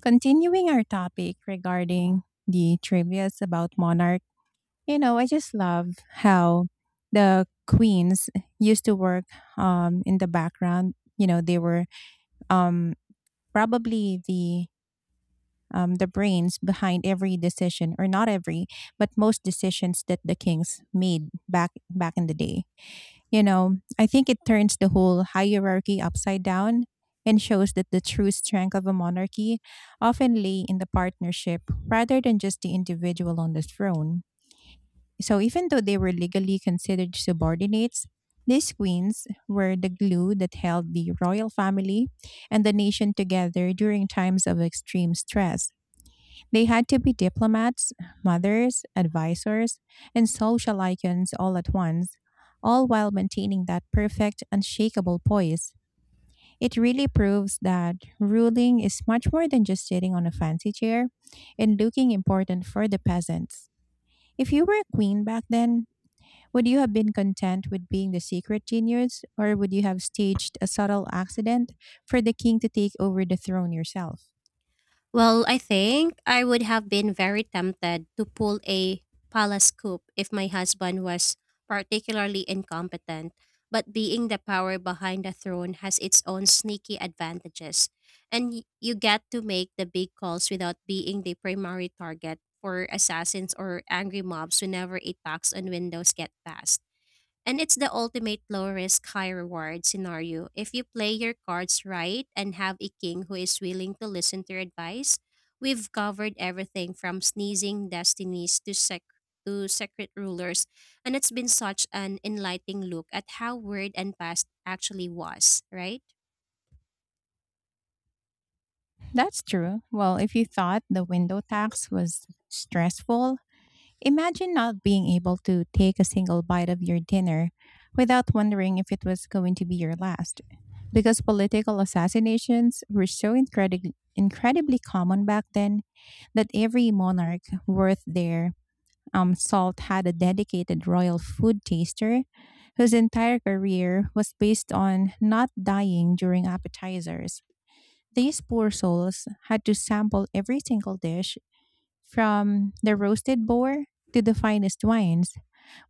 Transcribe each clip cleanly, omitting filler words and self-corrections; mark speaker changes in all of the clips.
Speaker 1: Continuing our topic regarding the trivias about monarch, you know, I just love how the queens used to work in the background. You know, they were um, probably the brains behind every decision, or not every, but most decisions that the kings made back in the day. You know, I think it turns the whole hierarchy upside down and shows that the true strength of a monarchy often lay in the partnership rather than just the individual on the throne. So, even though they were legally considered subordinates, these queens were the glue that held the royal family and the nation together during times of extreme stress. They had to be diplomats, mothers, advisors, and social icons all at once, all while maintaining that perfect, unshakable poise. It really proves that ruling is much more than just sitting on a fancy chair and looking important for the peasants. If you were a queen back then, would you have been content with being the secret genius, or would you have staged a subtle accident for the king to take over the throne yourself?
Speaker 2: Well, I think I would have been very tempted to pull a palace coup if my husband was particularly incompetent, but being the power behind the throne has its own sneaky advantages, and you get to make the big calls without being the primary target for assassins or angry mobs whenever a tax on windows get passed. And it's the ultimate low risk, high reward scenario. If you play your cards right and have a king who is willing to listen to your advice, we've covered everything from sneezing destinies to secret rulers. And it's been such an enlightening look at how word and past actually was, right?
Speaker 1: That's true. Well, if you thought the window tax was stressful, imagine not being able to take a single bite of your dinner without wondering if it was going to be your last. Because political assassinations were so incredibly common back then that every monarch worth their salt had a dedicated royal food taster whose entire career was based on not dying during appetizers. These poor souls had to sample every single dish, from the roasted boar to the finest wines,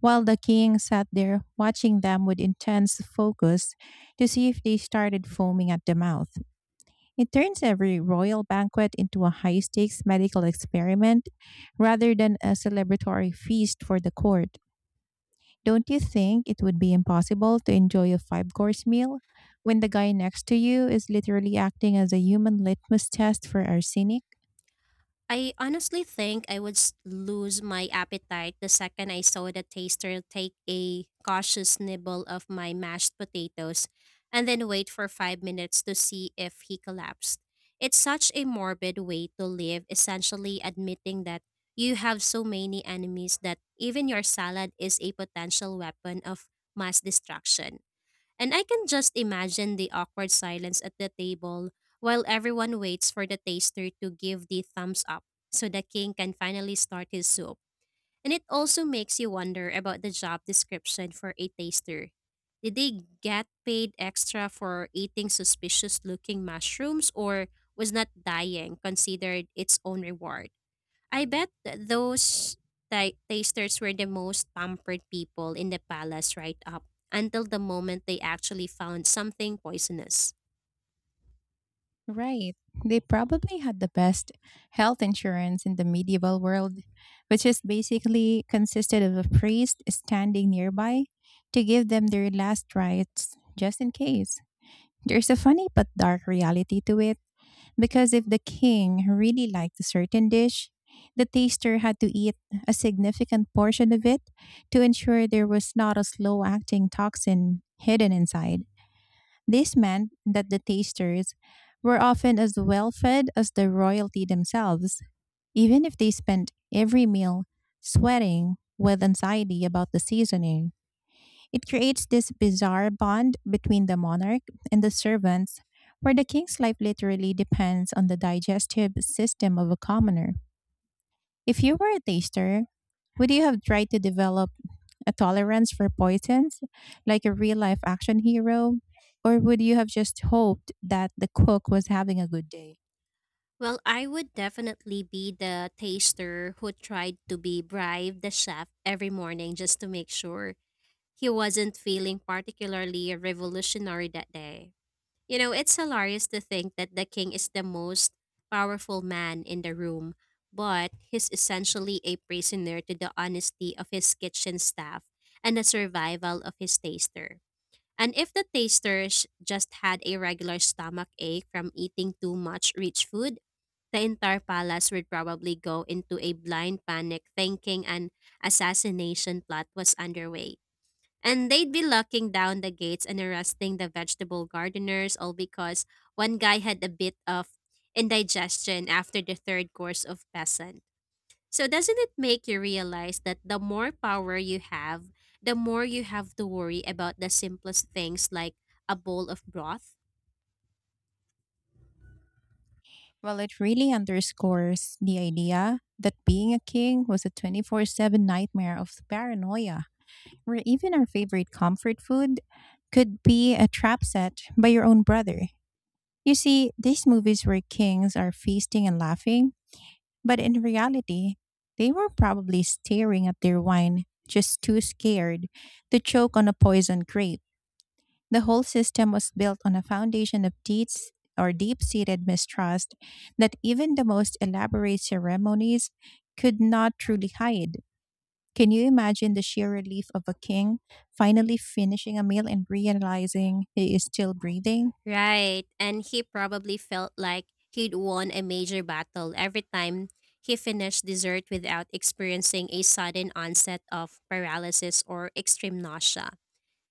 Speaker 1: while the king sat there watching them with intense focus to see if they started foaming at the mouth. It turns every royal banquet into a high stakes medical experiment rather than a celebratory feast for the court. Don't you think it would be impossible to enjoy a five course meal when the guy next to you is literally acting as a human litmus test for arsenic?
Speaker 2: I honestly think I would lose my appetite the second I saw the taster take a cautious nibble of my mashed potatoes and then wait for 5 minutes to see if he collapsed. It's such a morbid way to live, essentially admitting that you have so many enemies that even your salad is a potential weapon of mass destruction. And I can just imagine the awkward silence at the table while everyone waits for the taster to give the thumbs up so the king can finally start his soup. And it also makes you wonder about the job description for a taster. Did they get paid extra for eating suspicious looking mushrooms or was not dying considered its own reward? I bet those tasters were the most pampered people in the palace right up until the moment they actually found something poisonous.
Speaker 1: Right. They probably had the best health insurance in the medieval world, which is basically consisted of a priest standing nearby to give them their last rites just in case. There's a funny but dark reality to it. Because if the king really liked a certain dish, the taster had to eat a significant portion of it to ensure there was not a slow acting toxin hidden inside. This meant that the tasters were often as well fed as the royalty themselves, even if they spent every meal sweating with anxiety about the seasoning. It creates this bizarre bond between the monarch and the servants, where the king's life literally depends on the digestive system of a commoner. If you were a taster, would you have tried to develop a tolerance for poisons, like a real life action hero? Or would you have just hoped that the cook was having a good day?
Speaker 2: Well, I would definitely be the taster who tried to be bribe the chef every morning just to make sure he wasn't feeling particularly revolutionary that day. You know, it's hilarious to think that the king is the most powerful man in the room, but he's essentially a prisoner to the honesty of his kitchen staff and the survival of his taster. And if the tasters just had a regular stomach ache from eating too much rich food, the entire palace would probably go into a blind panic thinking an assassination plot was underway. And they'd be locking down the gates and arresting the vegetable gardeners, all because one guy had a bit of indigestion after the third course of peasant. So, doesn't it make you realize that the more power you have, the more you have to worry about the simplest things like a bowl of broth?
Speaker 1: Well, it really underscores the idea that being a king was a 24/7 nightmare of paranoia, or even our favorite comfort food could be a trap set by your own brother. You see, these movies where kings are feasting and laughing, but in reality, they were probably staring at their wine, just too scared to choke on a poisoned grape. The whole system was built on a foundation of deeds or deep seated mistrust that even the most elaborate ceremonies could not truly hide. Can you imagine the sheer relief of a king finally finishing a meal and realizing he is still breathing?
Speaker 2: Right. And he probably felt like he'd won a major battle every time he finished dessert without experiencing a sudden onset of paralysis or extreme nausea.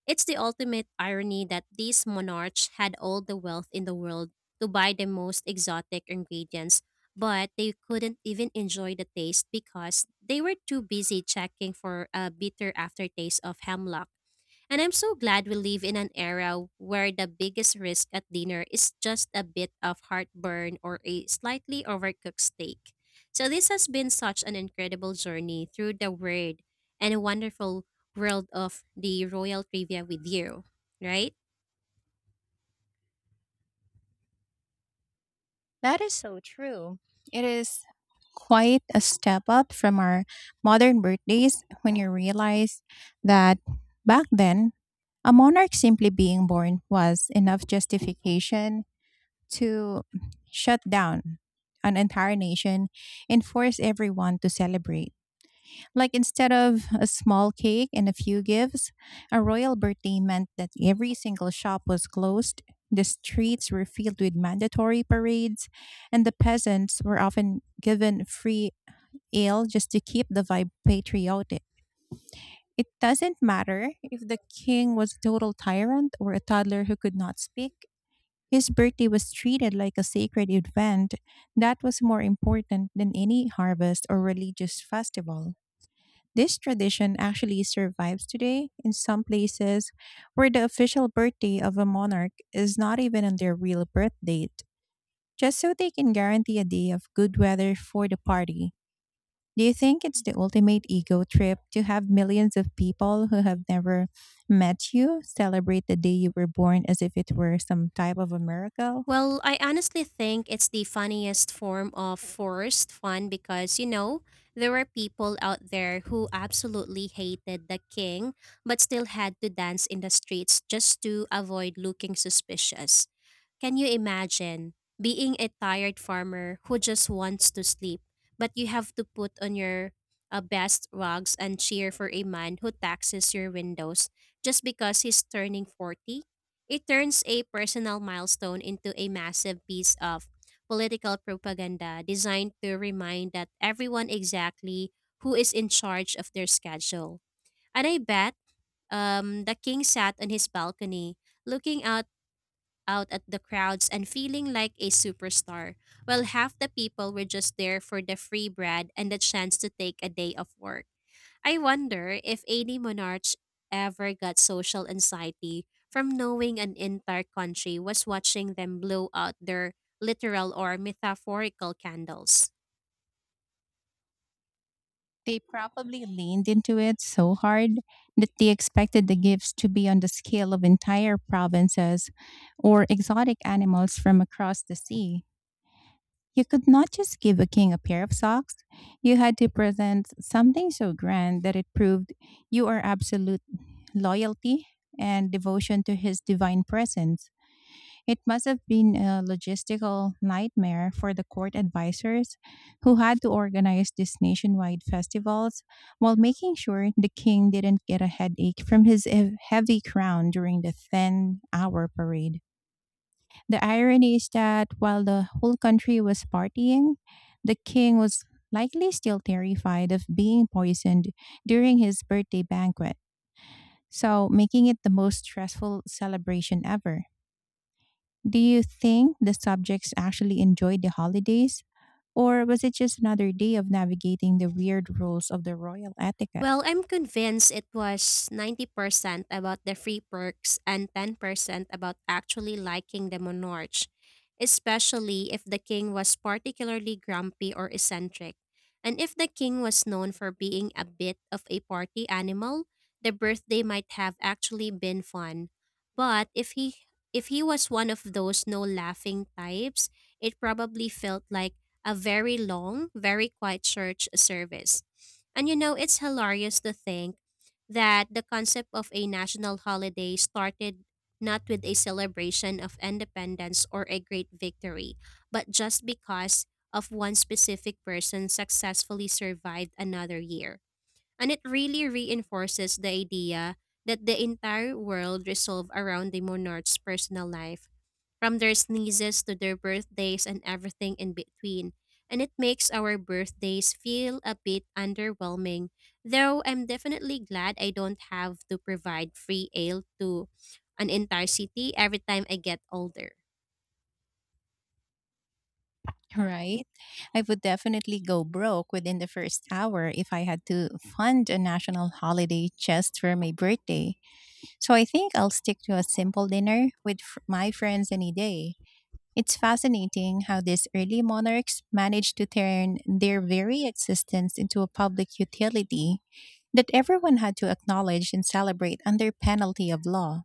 Speaker 2: It's the ultimate irony that these monarchs had all the wealth in the world to buy the most exotic ingredients, but they couldn't even enjoy the taste because they were too busy checking for a bitter aftertaste of hemlock. And I'm so glad we live in an era where the biggest risk at dinner is just a bit of heartburn or a slightly overcooked steak. So this has been such an incredible journey through the weird and wonderful world of the royal trivia with you, right?
Speaker 1: That is so true. It is quite a step up from our modern birthdays when you realize that back then, a monarch simply being born was enough justification to shut down an entire nation and force everyone to celebrate. Like instead of a small cake and a few gifts, a royal birthday meant that every single shop was closed, the streets were filled with mandatory parades, and the peasants were often given free ale just to keep the vibe patriotic. It doesn't matter if the king was a total tyrant or a toddler who could not speak. His birthday was treated like a sacred event that was more important than any harvest or religious festival. This tradition actually survives today in some places where the official birthday of a monarch is not even on their real birth date, just so they can guarantee a day of good weather for the party. Do you think it's the ultimate ego trip to have millions of people who have never met you celebrate the day you were born as if it were some type of a miracle?
Speaker 2: Well, I honestly think it's the funniest form of forced fun because, you know, there were people out there who absolutely hated the king but still had to dance in the streets just to avoid looking suspicious. Can you imagine being a tired farmer who just wants to sleep, but you have to put on your best rugs and cheer for a man who taxes your windows just because he's turning 40? It turns a personal milestone into a massive piece of political propaganda designed to remind that everyone exactly who is in charge of their schedule. And I bet the king sat on his balcony looking out at the crowds and feeling like a superstar, while half the people were just there for the free bread and the chance to take a day off work. I wonder if any monarch ever got social anxiety from knowing an entire country was watching them blow out their literal or metaphorical candles.
Speaker 1: They probably leaned into it so hard that they expected the gifts to be on the scale of entire provinces or exotic animals from across the sea. You could not just give a king a pair of socks. You had to present something so grand that it proved you are absolute loyalty and devotion to his divine presence. It must have been a logistical nightmare for the court advisors who had to organize these nationwide festivals while making sure the king didn't get a headache from his heavy crown during the 10-hour parade. The irony is that while the whole country was partying, the king was likely still terrified of being poisoned during his birthday banquet, so making it the most stressful celebration ever. Do you think the subjects actually enjoyed the holidays? Or was it just another day of navigating the weird rules of the royal etiquette?
Speaker 2: Well, I'm convinced it was 90% about the free perks and 10% about actually liking the monarch, especially if the king was particularly grumpy or eccentric. And if the king was known for being a bit of a party animal, the birthday might have actually been fun. But if he was one of those no laughing types, it probably felt like a very long, very quiet church service. And you know, it's hilarious to think that the concept of a national holiday started not with a celebration of independence or a great victory, but just because of one specific person successfully survived another year. And it really reinforces the idea that the entire world revolves around the monarch's personal life from their sneezes to their birthdays and everything in between. And it makes our birthdays feel a bit underwhelming, though I'm definitely glad I don't have to provide free ale to an entire city every time I get older.
Speaker 1: Right? I would definitely go broke within the first hour if I had to fund a national holiday just for my birthday. So I think I'll stick to a simple dinner with my friends any day. It's fascinating how these early monarchs managed to turn their very existence into a public utility that everyone had to acknowledge and celebrate under penalty of law.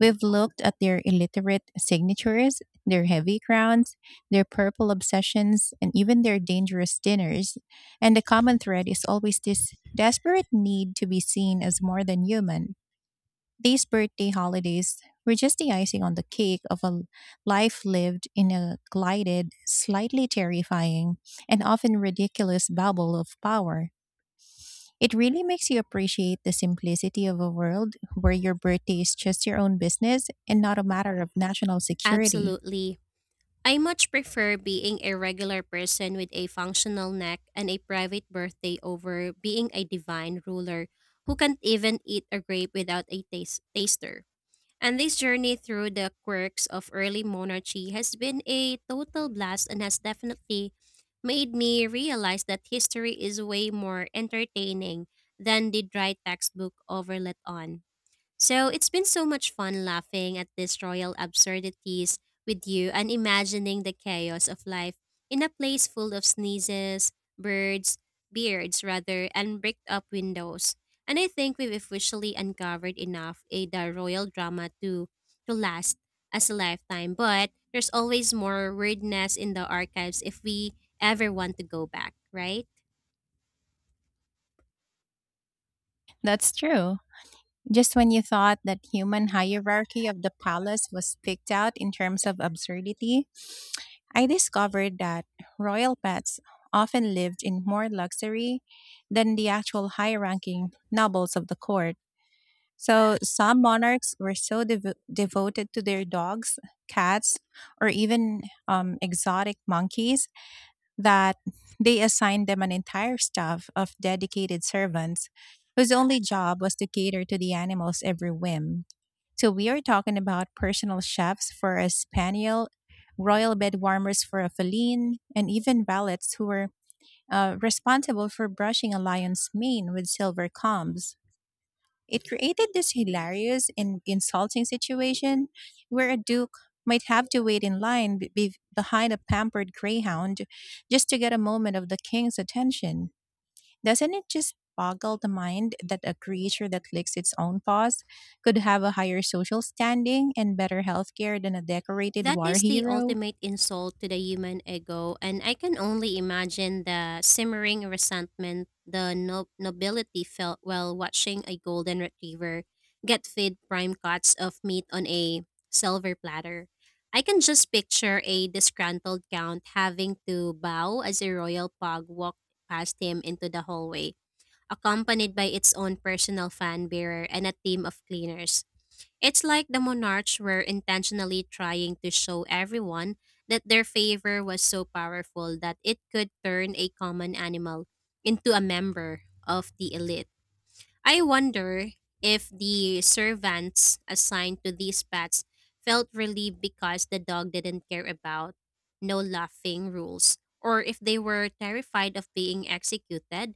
Speaker 1: We've looked at their illiterate signatures, their heavy crowns, their purple obsessions, and even their dangerous dinners. And the common thread is always this desperate need to be seen as more than human. These birthday holidays were just the icing on the cake of life lived in a glided, slightly terrifying, and often ridiculous bubble of power. It really makes you appreciate the simplicity of a world where your birthday is just your own business and not a matter of national security.
Speaker 2: Absolutely. I much prefer being a regular person with a functional neck and a private birthday over being a divine ruler who can't even eat a grape without a taster. And this journey through the quirks of early monarchy has been a total blast and has definitely made me realize that history is way more entertaining than the dry textbook over let on. So it's been so much fun laughing at these royal absurdities with you and imagining the chaos of life in a place full of sneezes, birds, beards rather, and bricked up windows. And I think we've officially uncovered enough a the royal drama to last as a lifetime. But there's always more weirdness in the archives if we ever want to go back, right?
Speaker 1: That's true. Just when you thought that human hierarchy of the palace was picked out in terms of absurdity, I discovered that royal pets often lived in more luxury than the actual high ranking nobles of the court. So some monarchs were so devoted to their dogs, cats, or even exotic monkeys that they assigned them an entire staff of dedicated servants whose only job was to cater to the animal's every whim. So we are talking about personal chefs for a spaniel, royal bed warmers for a feline, and even valets who were responsible for brushing a lion's mane with silver combs. It created this hilarious and insulting situation where a duke might have to wait in line behind a pampered greyhound just to get a moment of the king's attention. Doesn't it just boggle the mind that a creature that licks its own paws could have a higher social standing and better healthcare than a decorated
Speaker 2: That
Speaker 1: war
Speaker 2: is the
Speaker 1: hero?
Speaker 2: ultimate insult to the human ego, and I can only imagine the simmering resentment the nobility felt while watching a golden retriever get fed prime cuts of meat on a silver platter. I can just picture a disgruntled count having to bow as a royal pug walked past him into the hallway, accompanied by its own personal fan bearer and a team of cleaners. It's like the monarchs were intentionally trying to show everyone that their favor was so powerful that it could turn a common animal into a member of the elite. I wonder if the servants assigned to these pets felt relieved because the dog didn't care about no laughing rules, or if they were terrified of being executed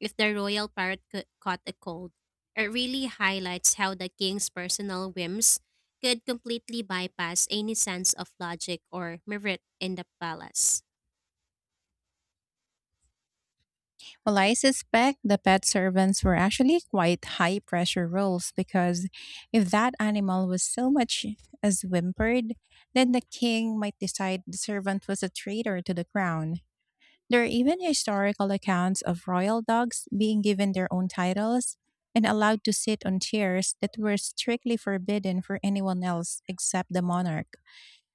Speaker 2: if the royal parrot caught a cold. It really highlights how the king's personal whims could completely bypass any sense of logic or merit in the palace.
Speaker 1: Well, I suspect the pet servants were actually quite high pressure roles because if that animal was so much as whimpered, then the king might decide the servant was a traitor to the crown. There are even historical accounts of royal dogs being given their own titles and allowed to sit on chairs that were strictly forbidden for anyone else except the monarch.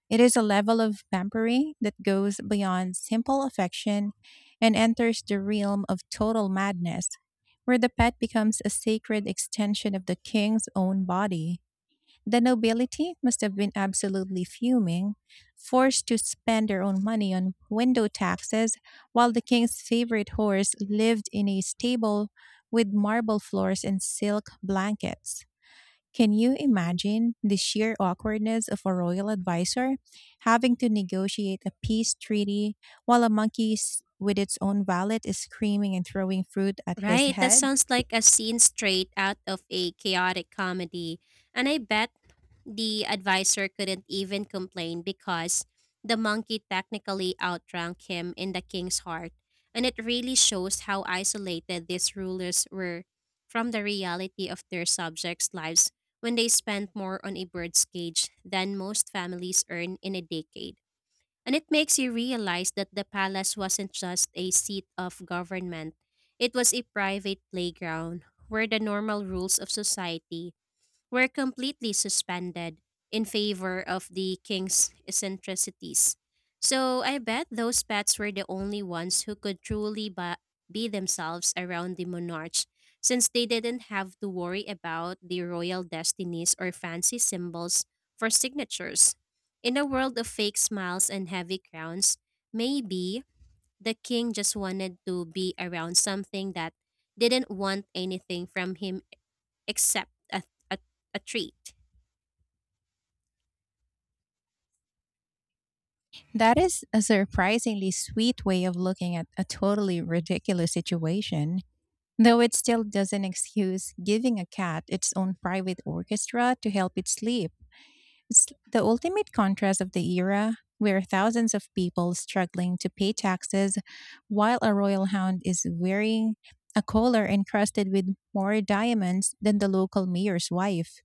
Speaker 1: It is a level of pampering that goes beyond simple affection and enters the realm of total madness, where the pet becomes a sacred extension of the king's own body. The nobility must have been absolutely fuming, forced to spend their own money on window taxes, while the king's favorite horse lived in a stable with marble floors and silk blankets. Can you imagine the sheer awkwardness of a royal advisor having to negotiate a peace treaty while a monkey with its own valet is screaming and throwing fruit at his
Speaker 2: Right, that
Speaker 1: head?
Speaker 2: sounds like a scene straight out of a chaotic comedy. And I bet the advisor couldn't even complain because the monkey technically outrank him in the king's heart, and it really shows how isolated these rulers were from the reality of their subjects' lives when they spent more on a bird's cage than most families earn in a decade. And it makes you realize that the palace wasn't just a seat of government, it was a private playground where the normal rules of society were completely suspended in favor of the king's eccentricities. So I bet those pets were the only ones who could truly be themselves around the monarchs since they didn't have to worry about the royal destinies or fancy symbols for signatures. In a world of fake smiles and heavy crowns, maybe the king just wanted to be around something that didn't want anything from him except a, a treat.
Speaker 1: That is a surprisingly sweet way of looking at a totally ridiculous situation, though it still doesn't excuse giving a cat its own private orchestra to help it sleep. It's the ultimate contrast of the era where thousands of people struggling to pay taxes while a royal hound is wearing a collar encrusted with more diamonds than the local mayor's wife.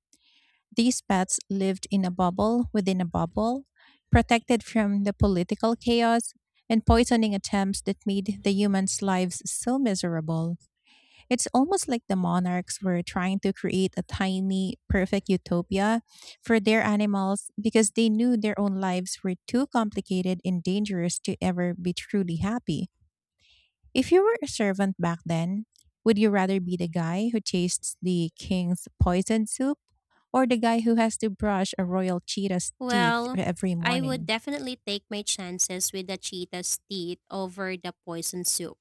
Speaker 1: These pets lived in a bubble within a bubble, protected from the political chaos and poisoning attempts that made the humans' lives so miserable. It's almost like the monarchs were trying to create a tiny, perfect utopia for their animals because they knew their own lives were too complicated and dangerous to ever be truly happy. If you were a servant back then, would you rather be the guy who tastes the king's poison soup or the guy who has to brush a royal cheetah's teeth
Speaker 2: Well,
Speaker 1: every
Speaker 2: I would
Speaker 1: morning?
Speaker 2: definitely take my chances with the cheetah's teeth over the poison soup,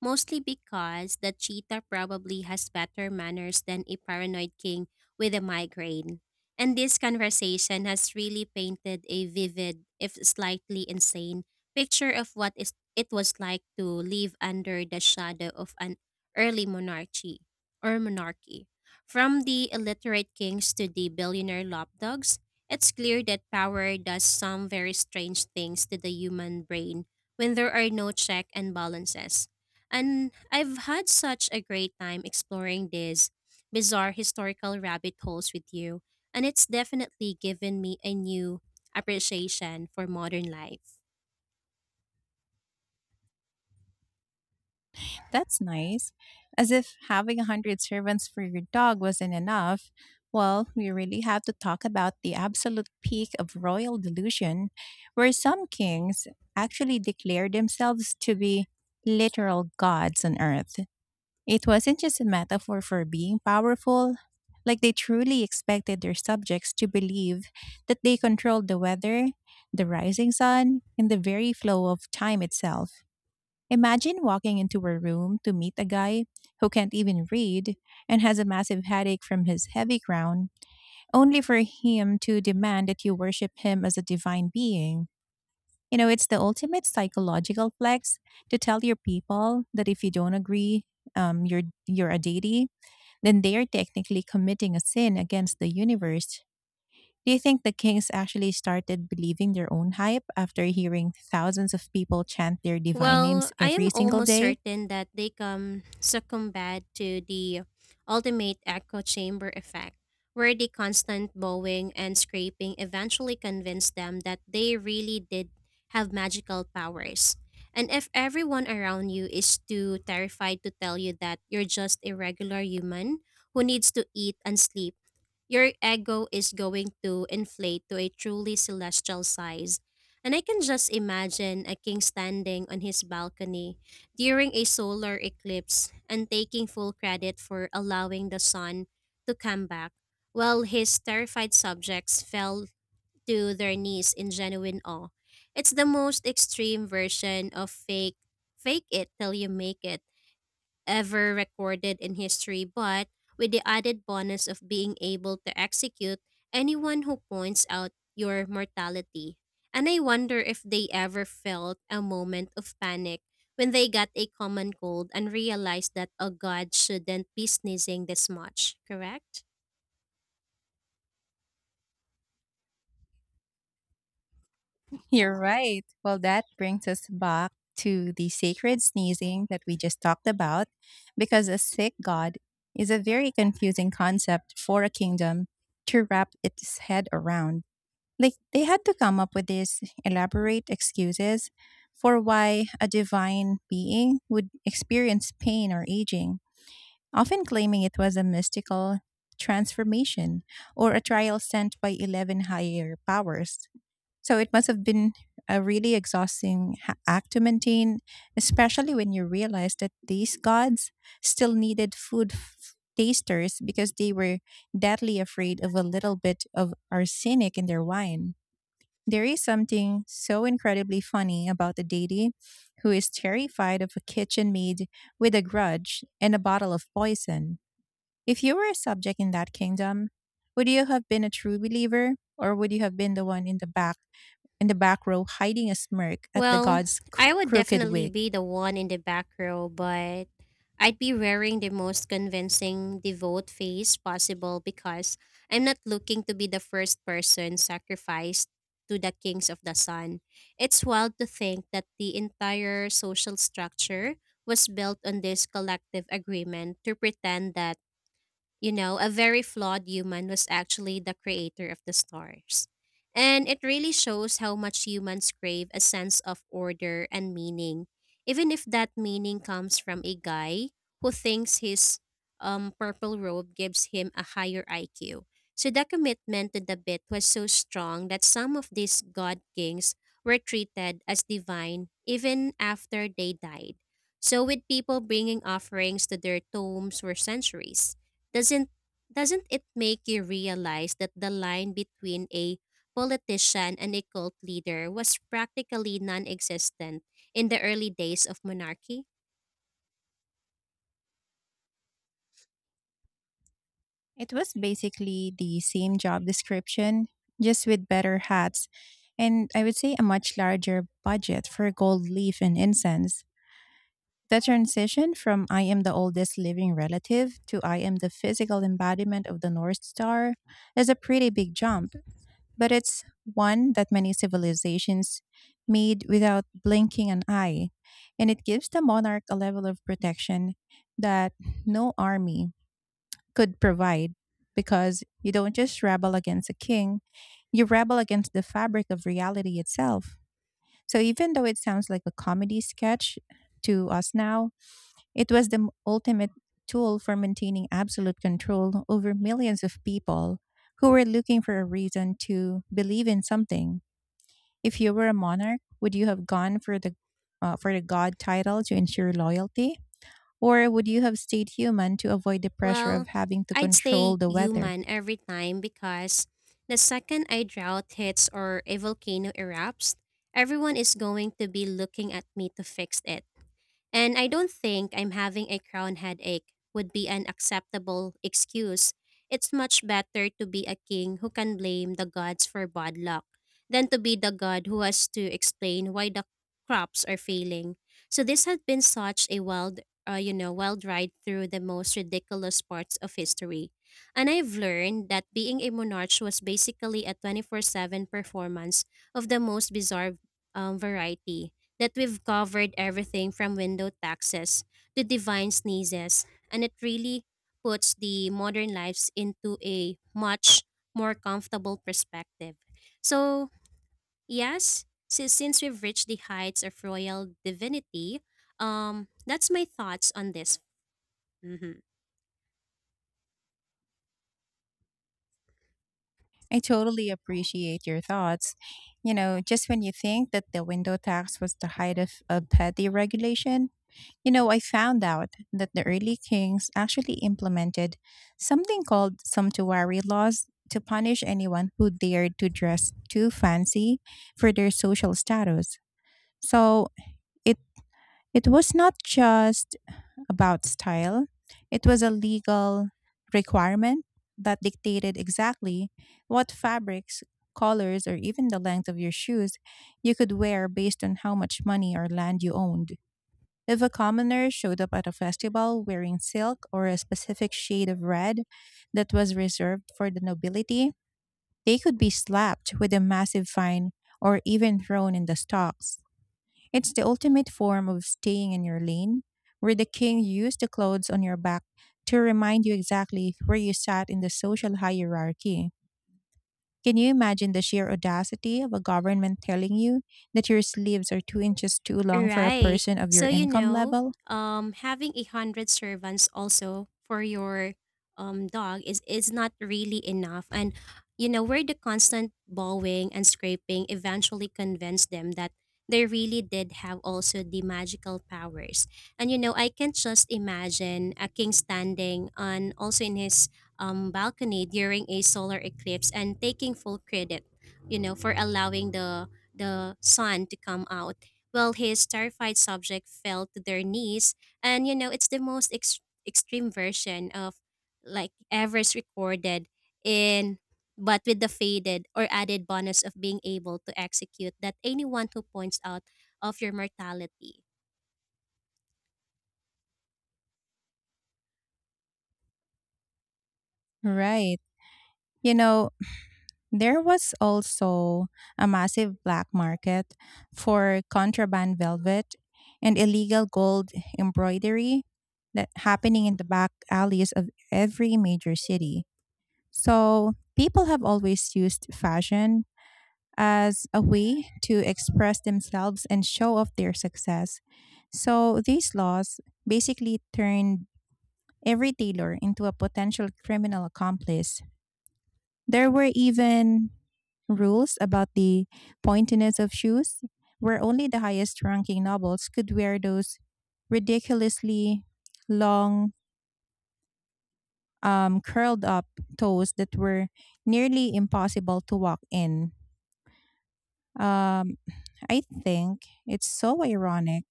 Speaker 2: mostly because the cheetah probably has better manners than a paranoid king with a migraine. And this conversation has really painted a vivid, if slightly insane, picture of what is, it was like to live under the shadow of an early monarchy. From the illiterate kings to the billionaire lapdogs, it's clear that power does some very strange things to the human brain when there are no check and balances. And I've had such a great time exploring these bizarre historical rabbit holes with you, and it's definitely given me a new appreciation for modern life.
Speaker 1: That's nice. As if having a hundred servants for your dog wasn't enough. Well, we really have to talk about the absolute peak of royal delusion, where some kings actually declare themselves to be literal gods on earth. It wasn't just a metaphor for being powerful, like they truly expected their subjects to believe that they controlled the weather, the rising sun, and the very flow of time itself. Imagine walking into a room to meet a guy who can't even read and has a massive headache from his heavy crown, only for him to demand that you worship him as a divine being. You know, it's the ultimate psychological flex to tell your people that if you don't agree, you're a deity, then they are technically committing a sin against the universe. Do you think the kings actually started believing their own hype after hearing thousands of people chant their divine names
Speaker 2: Well, I
Speaker 1: every
Speaker 2: am
Speaker 1: single
Speaker 2: almost
Speaker 1: day?
Speaker 2: certain that they come succumbed to the ultimate echo chamber effect, where the constant bowing and scraping eventually convince them that they really did have magical powers. And if everyone around you is too terrified to tell you that you're just a regular human who needs to eat and sleep, your ego is going to inflate to a truly celestial size. And I can just imagine a king standing on his balcony during a solar eclipse and taking full credit for allowing the sun to come back, while his terrified subjects fell to their knees in genuine awe. It's the most extreme version of fake it till you make it ever recorded in history, but with the added bonus of being able to execute anyone who points out your mortality. And I wonder if they ever felt a moment of panic when they got a common cold and realized that a god shouldn't be sneezing this much, correct?
Speaker 1: You're right. Well, that brings us back to the sacred sneezing that we just talked about, because a sick god is a very confusing concept for a kingdom to wrap its head around. Like they had to come up with these elaborate excuses for why a divine being would experience pain or aging, often claiming it was a mystical transformation or a trial sent by 11 higher powers. So it must have been a really exhausting act to maintain, especially when you realize that these gods still needed food tasters because they were deadly afraid of a little bit of arsenic in their wine. There is something so incredibly funny about a deity who is terrified of a kitchen maid with a grudge and a bottle of poison. If you were a subject in that kingdom, would you have been a true believer or would you have been the one in the back row hiding a smirk at the
Speaker 2: Well,
Speaker 1: god's
Speaker 2: I would
Speaker 1: crooked
Speaker 2: definitely
Speaker 1: wig?
Speaker 2: be the one in the back row, but I'd be wearing the most convincing devout face possible because I'm not looking to be the first person sacrificed to the kings of the sun. It's wild to think that the entire social structure was built on this collective agreement to pretend that, a very flawed human was actually the creator of the stars. And it really shows how much humans crave a sense of order and meaning, even if that meaning comes from a guy who thinks his purple robe gives him a higher IQ. So the commitment to the bit was so strong that some of these god kings were treated as divine even after they died. So, with people bringing offerings to their tombs for centuries. Doesn't doesn't it make you realize that the line between a politician and a cult leader was practically non-existent in the early days of monarchy?
Speaker 1: It was basically the same job description, just with better hats, and I would say a much larger budget for gold leaf and incense. The transition from I am the oldest living relative to I am the physical embodiment of the North Star is a pretty big jump, but it's one that many civilizations made without blinking an eye, and it gives the monarch a level of protection that no army could provide, because you don't just rebel against a king, you rebel against the fabric of reality itself. So even though it sounds like a comedy sketch to us now, it was the ultimate tool for maintaining absolute control over millions of people who were looking for a reason to believe in something. If you were a monarch, would you have gone for the god title to ensure loyalty, or would you have stayed human to avoid the pressure of
Speaker 2: Well,
Speaker 1: having to
Speaker 2: I'd say
Speaker 1: control the weather?
Speaker 2: human every time because the second a drought hits or a volcano erupts, everyone is going to be looking at me to fix it. And I don't think I'm having a crown headache would be an acceptable excuse. It's much better to be a king who can blame the gods for bad luck than to be the god who has to explain why the crops are failing. So this has been such a wild, wild ride through the most ridiculous parts of history. And I've learned that being a monarch was basically a 24/7 performance of the most bizarre variety, that we've covered everything from window taxes to divine sneezes, and it really puts the modern lives into a much more comfortable perspective. So, yes, since we've reached the heights of royal divinity, that's my thoughts on this. Mhm.
Speaker 1: I totally appreciate your thoughts. You know, just when you think that the window tax was the height of petty regulation, you know, I found out that the early kings actually implemented something called sumptuary laws to punish anyone who dared to dress too fancy for their social status. So it it was not just about style; it was a legal requirement that dictated exactly what fabrics, colors, or even the length of your shoes you could wear based on how much money or land you owned. If a commoner showed up at a festival wearing silk or a specific shade of red that was reserved for the nobility, they could be slapped with a massive fine or even thrown in the stocks. It's the ultimate form of staying in your lane, where the king used the clothes on your back to remind you exactly where you sat in the social hierarchy. Can you imagine the sheer audacity of a government telling you that your sleeves are 2 inches too long for a
Speaker 2: Right.
Speaker 1: person of your
Speaker 2: So,
Speaker 1: income level?
Speaker 2: having a hundred servants also for your dog is not really enough, and you know, where the constant bowing and scraping eventually convinced them that they really did have also the magical powers. And you know, I can just imagine a king standing on also in his balcony during a solar eclipse and taking full credit, you know, for allowing the sun to come out while his terrified subject fell to their knees. And you know, it's the most extreme version of like ever recorded in, but with the faded or added bonus of being able to execute that anyone who points out of your mortality.
Speaker 1: Right. You know, there was also a massive black market for contraband velvet and illegal gold embroidery that happening in the back alleys of every major city. So, people have always used fashion as a way to express themselves and show off their success. So, these laws basically turned every tailor into a potential criminal accomplice. There were even rules about the pointiness of shoes, where only the highest ranking nobles could wear those ridiculously long, curled up toes that were nearly impossible to walk in. Um, I think it's so ironic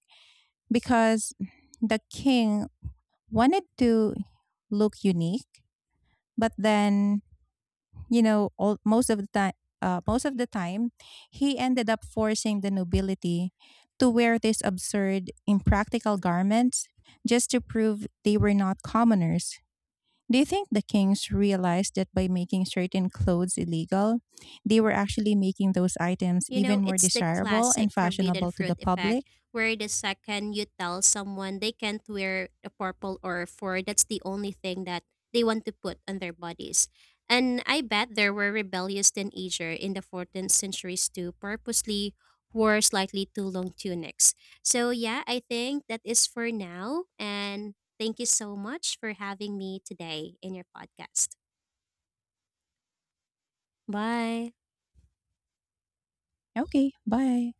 Speaker 1: because the king wanted to look unique, but then, you know, all, most of the time most of the time he ended up forcing the nobility to wear these absurd impractical garments just to prove they were not commoners. Do you think the kings realized that by making certain clothes illegal they were actually making those items
Speaker 2: You know,
Speaker 1: even more
Speaker 2: it's the
Speaker 1: desirable
Speaker 2: classic
Speaker 1: and
Speaker 2: forbidden
Speaker 1: fashionable to
Speaker 2: fruit
Speaker 1: the
Speaker 2: effect,
Speaker 1: public?
Speaker 2: where the second you tell someone they can't wear a purple or four, that's the only thing that they want to put on their bodies. And I bet there were rebellious teenagers in the 14th centuries too, purposely wore slightly too long tunics. So yeah, I think that is for now. And thank you so much for having me today in your podcast. Bye.
Speaker 1: Okay, bye.